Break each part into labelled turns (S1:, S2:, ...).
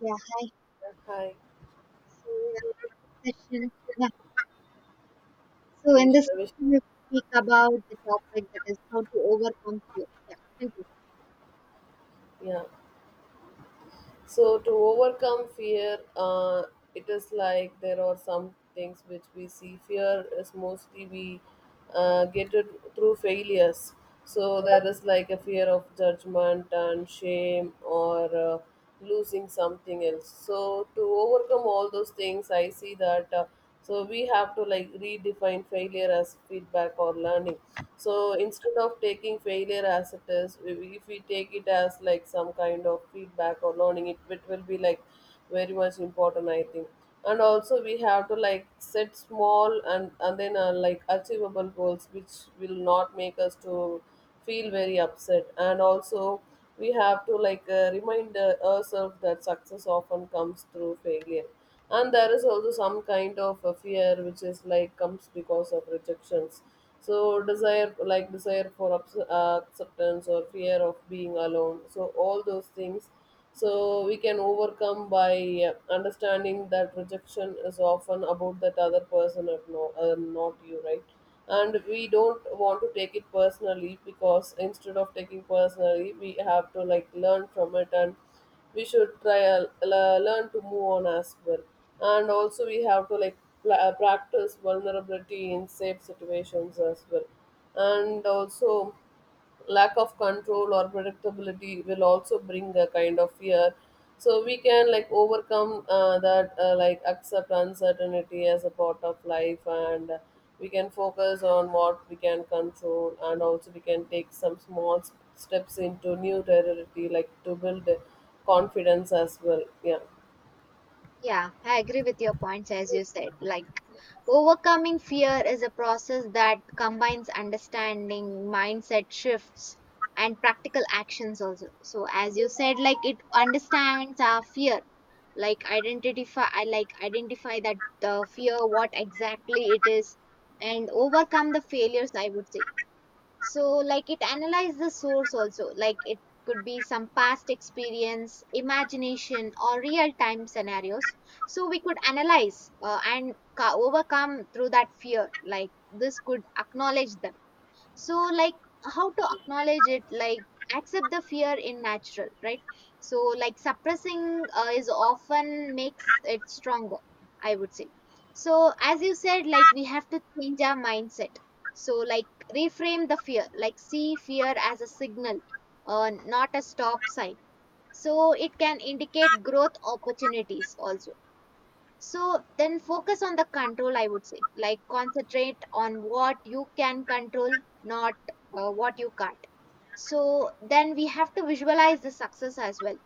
S1: Yeah,
S2: Hi,
S1: so in this session, yeah, so in this
S2: Keshav.
S1: session, we speak about the topic that is how to overcome fear. Yeah, thank you.
S2: Yeah. So to overcome fear, it is like there are some things which we see. Fear is mostly we get it through failures. So there is like a fear of judgment and shame or losing something else. So to overcome all those things, I see that. So we have to like redefine failure as feedback or learning, so instead of taking failure as it is, if we take it as like some kind of feedback or learning it, will be like very much important, I think. And also we have to like set small and then like achievable goals which will not make us to feel very upset. And also we have to like remind ourselves that success often comes through failure. And there is also some kind of a fear which is like comes because of rejections. So desire for acceptance or fear of being alone, so all those things. So we can overcome by understanding that rejection is often about that other person and no, not you, right? And we don't want to take it personally, because instead of taking personally we have to like learn from it, and we should try learn to move on as well. And also we have to like practice vulnerability in safe situations as well. And also, lack of control or predictability will also bring a kind of fear. So we can like overcome that, like accept uncertainty as a part of life, and we can focus on what we can control, and also we can take some steps into new territory, like to build confidence as well. Yeah.
S1: Yeah, I agree with your points as you said. Like, overcoming fear is a process that combines understanding, mindset shifts, and practical actions also. So, as you said, like it understands our fear, like identify, I like identify that the fear, what exactly it is, and overcome the failures, I would say. So like it analyzed the source also, like it could be some past experience, imagination, or real time scenarios, so we could analyze and overcome through that fear. Like this could acknowledge them. So like how to acknowledge it, like accept the fear in natural, right? So like suppressing is often makes it stronger, I would say. So as you said, like we have to change our mindset. So like reframe the fear, like see fear as a signal, not a stop sign, so it can indicate growth opportunities also. So then focus on the control, I would say. Like concentrate on what you can control, not what you can't. So then we have to visualize the success as well.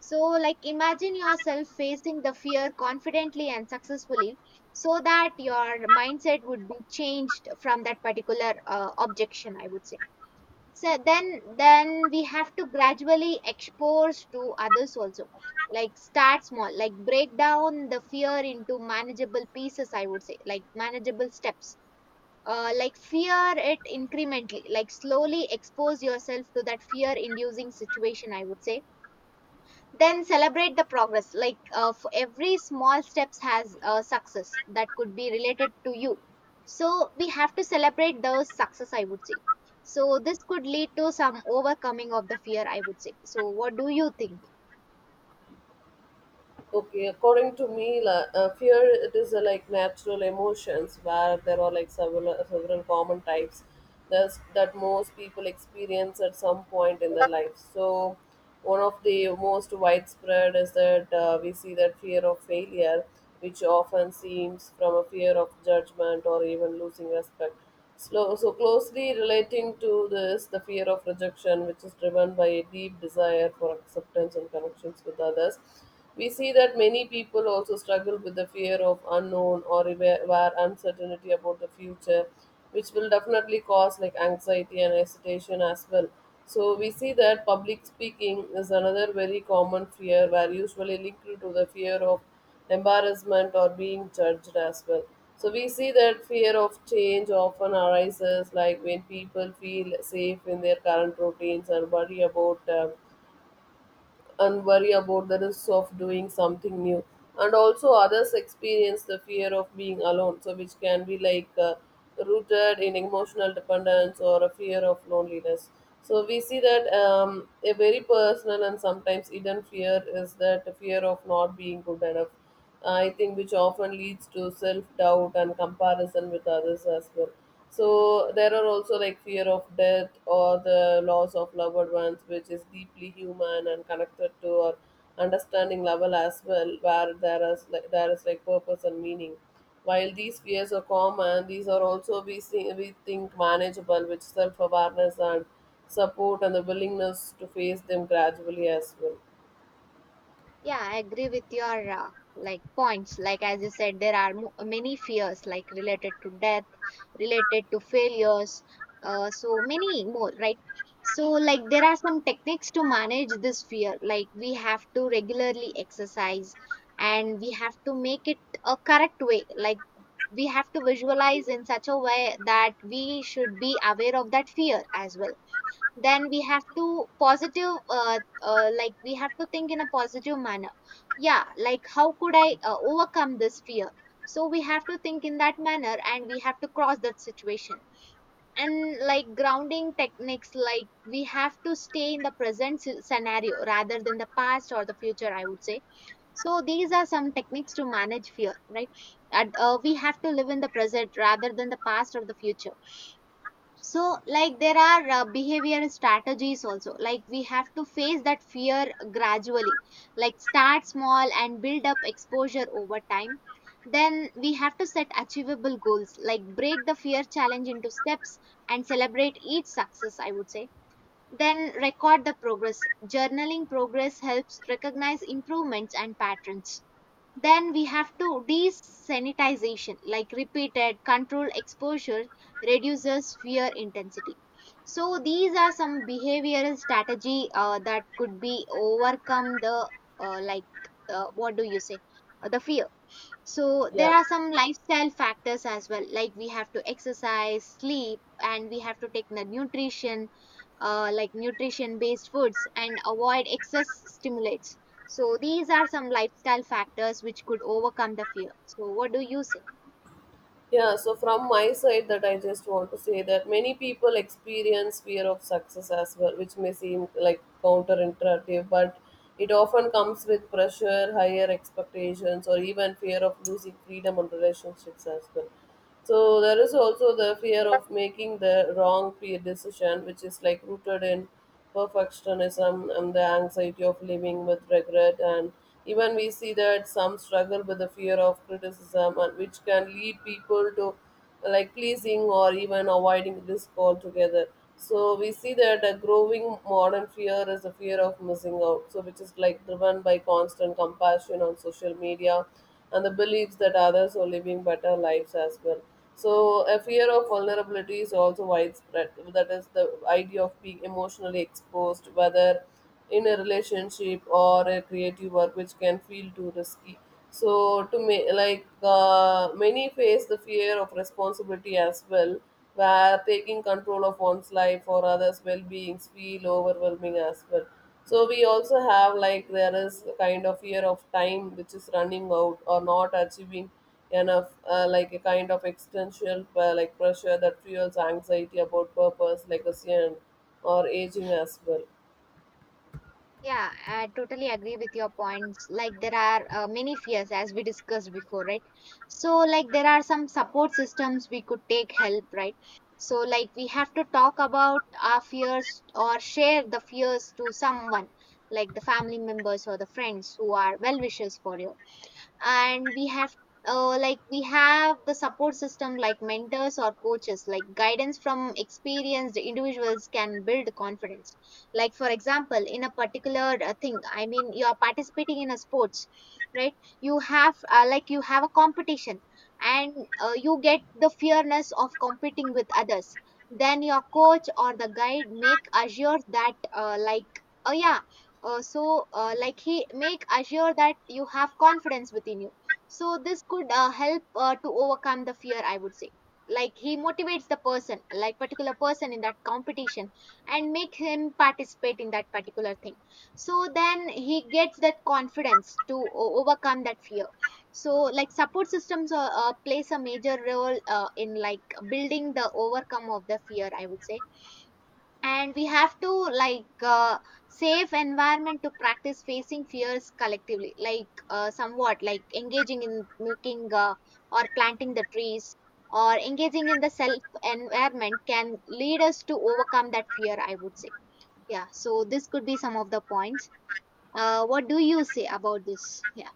S1: So, like, imagine yourself facing the fear confidently and successfully so that your mindset would be changed from that particular objection, I would say. So then we have to gradually expose to others also, like start small, like break down the fear into manageable pieces, I would say, like manageable steps. Like fear it incrementally, like slowly expose yourself to that fear inducing situation, I would say. Then celebrate the progress, like for every small steps has a success that could be related to you. So we have to celebrate the success, I would say. So this could lead to some overcoming of the fear, I would say. So what do you think?
S2: Okay, according to me, fear, it is like natural emotions where there are like several common types that most people experience at some point in their life. So, one of the most widespread is that we see that fear of failure, which often seems from a fear of judgment or even losing respect. Slow, so closely relating to this, the fear of rejection, which is driven by a deep desire for acceptance and connections with others. We see that many people also struggle with the fear of unknown or aware uncertainty about the future, which will definitely cause like anxiety and hesitation as well. So we see that public speaking is another very common fear, where usually linked to the fear of embarrassment or being judged as well. So we see that fear of change often arises like when people feel safe in their current routines and worry about and worry about the risks of doing something new. And also others experience the fear of being alone, so which can be like rooted in emotional dependence or a fear of loneliness. So we see that a very personal and sometimes hidden fear is that fear of not being good enough, I think, which often leads to self doubt and comparison with others as well. So there are also like fear of death or the loss of loved ones, which is deeply human and connected to our understanding level as well, where there is like purpose and meaning. While these fears are common, these are also we see, we think, manageable with self awareness and support and the willingness to face them gradually as well.
S1: Yeah, I agree with your like points. Like as you said, there are mo many fears like related to death, related to failures, so many more, right? So like there are some techniques to manage this fear. Like we have to regularly exercise and we have to make it a correct way. Like we have to visualize in such a way that we should be aware of that fear as well. Then we have to positive like we have to think in a positive manner. Yeah, like how could I overcome this fear? So we have to think in that manner and we have to cross that situation. And like grounding techniques, like we have to stay in the present scenario rather than the past or the future, I would say. So these are some techniques to manage fear, right? And we have to live in the present rather than the past or the future. So like there are behavior strategies also, like we have to face that fear gradually, like start small and build up exposure over time. Then we have to set achievable goals, like break the fear challenge into steps and celebrate each success, I would say. Then record the progress, journaling progress helps recognize improvements and patterns. Then we have to desanitization, like repeated controlled exposure reduces fear intensity. So these are some behavioral strategy that could be overcome the uh, like what do you say. The fear, so
S2: Yeah.
S1: there are some lifestyle factors as well, like we have to exercise, sleep, and we have to take the nutrition, like nutrition based foods, and avoid excess stimulates. So these are some lifestyle factors which could overcome the fear. So what do you say?
S2: Yeah, so from my side, that I just want to say that many people experience fear of success as well, which may seem like counterintuitive, but it often comes with pressure, higher expectations, or even fear of losing freedom and relationships as well. So there is also the fear of making the decision, which is like rooted in perfectionism and the anxiety of living with regret. And even we see that some struggle with the fear of criticism, and which can lead people to like pleasing or even avoiding risk altogether. So we see that a growing modern fear is the fear of missing out. So which is like driven by constant compassion on social media and the beliefs that others are living better lives as well. So a fear of vulnerability is also widespread. That is the idea of being emotionally exposed, whether in a relationship or a creative work, which can feel too risky. So to me, like, many face the fear of responsibility as well, where taking control of one's life or others' well-beings feel overwhelming as well. So we also have like there is a kind of fear of time which is running out or not achieving enough, like a kind of existential, like pressure that fuels anxiety about purpose, legacy, and or aging as well.
S1: Yeah, I totally agree with your points. Like there are many fears as we discussed before, right? So like there are some support systems we could take help, right? So like we have to talk about our fears or share the fears to someone, like the family members or the friends who are well wishers for you. And we have like we have the support system, like mentors or coaches, like guidance from experienced individuals can build confidence. Like for example in a particular thing, I mean, you are participating in a sports, right? You have like you have a competition, and you get the fearness of competing with others. Then your coach or the guide make assure that like, oh yeah, like he make assure that you have confidence within you. So this could help to overcome the fear, I would say. Like he motivates the person, like particular person in that competition, and make him participate in that particular thing. So then he gets that confidence to overcome that fear. So like support systems plays a major role in like building the overcome of the fear, I would say. And we have to like safe environment to practice facing fears collectively, like somewhat like engaging in making or planting the trees or engaging in the self environment can lead us to overcome that fear, I would say. Yeah, so this could be some of the points. What do you say about this? Yeah, yeah.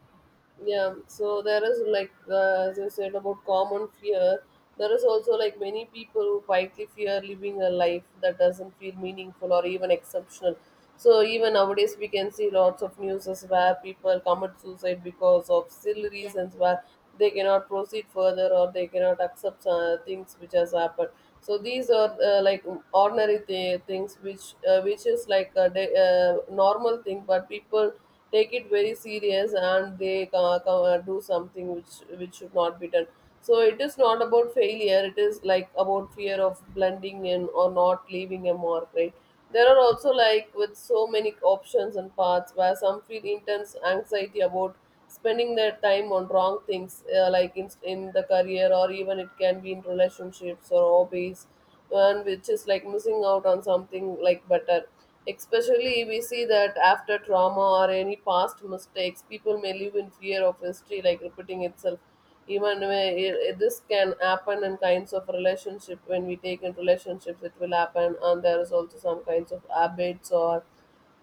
S2: Yeah, so there is like, as I said about common fear, there is also like many people who quietly fear living a life that doesn't feel meaningful or even exceptional. So even nowadays we can see lots of news where people commit suicide because of silly reasons, where they cannot proceed further or they cannot accept things which has happened. So these are like ordinary things which is like a day, normal thing, but people take it very serious and they do something which should not be done. So it is not about failure, it is like about fear of blending in or not leaving a mark, right? There are also like with so many options and paths where some feel intense anxiety about spending their time on wrong things, like in the career, or even it can be in relationships or hobbies, and which is like missing out on something like better. Especially we see that after trauma or any past mistakes, people may live in fear of history like repeating itself, even when this can happen in kinds of relationship. When we take in relationships it will happen, and there is also some kinds of habits or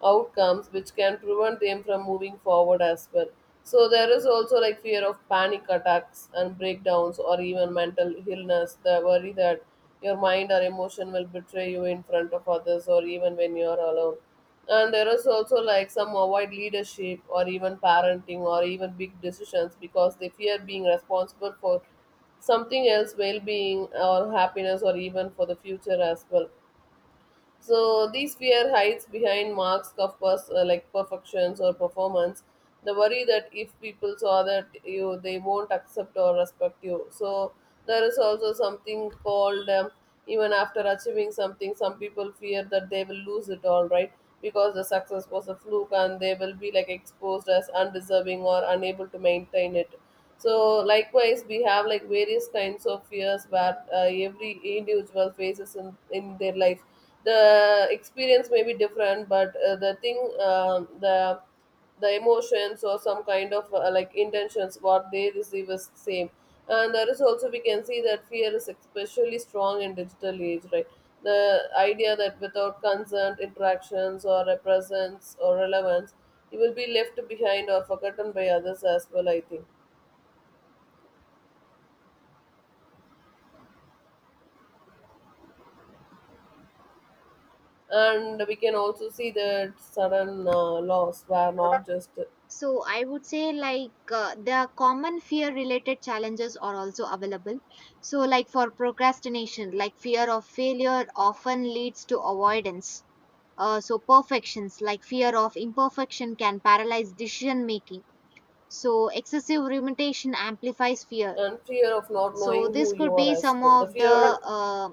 S2: outcomes which can prevent them from moving forward as well. So there is also like fear of panic attacks and breakdowns or even mental illness, the worry that your mind or emotion will betray you in front of others or even when you are alone. And there is also like some avoid leadership or even parenting or even big decisions because they fear being responsible for something else well-being or happiness or even for the future as well. So these fear hides behind marks of like perfections or performance. The worry that if people saw that you, they won't accept or respect you. So there is also something called even after achieving something, some people fear that they will lose it all, right? Because the success was a fluke and they will be like exposed as undeserving or unable to maintain it. So likewise, we have like various kinds of fears where every individual faces in their life. The experience may be different, but the thing, um the the emotions or some kind of like intentions what they receive is same. And there is also we can see that fear is especially strong in digital age, right? The idea that without consent, interactions or a presence or relevance, you will be left behind or forgotten by others as well, I think. And we can also see that sudden loss were not just
S1: So I would say like the common fear related challenges are also available. So like for procrastination, like fear of failure often leads to avoidance. So perfections, like fear of imperfection can paralyze decision making. So excessive rumination amplifies fear.
S2: and fear of not
S1: So
S2: knowing
S1: this
S2: who you
S1: could
S2: are
S1: be
S2: as
S1: some
S2: well, the
S1: of the
S2: fear,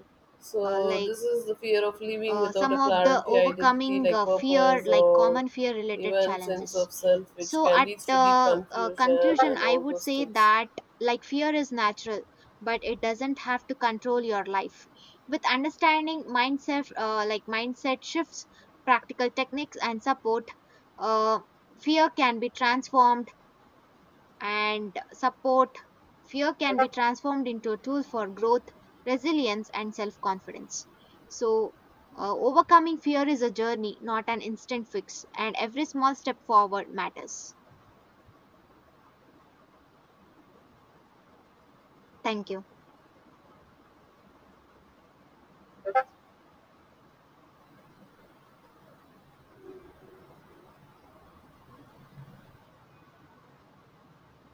S1: uh,
S2: so
S1: like
S2: this is the fear of living without
S1: some
S2: a
S1: of the
S2: clarity identity
S1: overcoming
S2: like
S1: fear,
S2: purpose
S1: like
S2: or
S1: common fear related
S2: even sense
S1: challenges.
S2: of self, which
S1: So
S2: can
S1: at
S2: lead to deep confusion
S1: conclusion,
S2: and
S1: I
S2: all
S1: would
S2: those
S1: say
S2: things.
S1: that like fear is natural, but it doesn't have to control your life. With understanding, mindset like mindset shifts, practical techniques, and support, uh, fear can be transformed, and support, fear can be transformed into a tool for growth, resilience, and self confidence. So, overcoming fear is a journey, not an instant fix, and every small step forward matters. Thank you.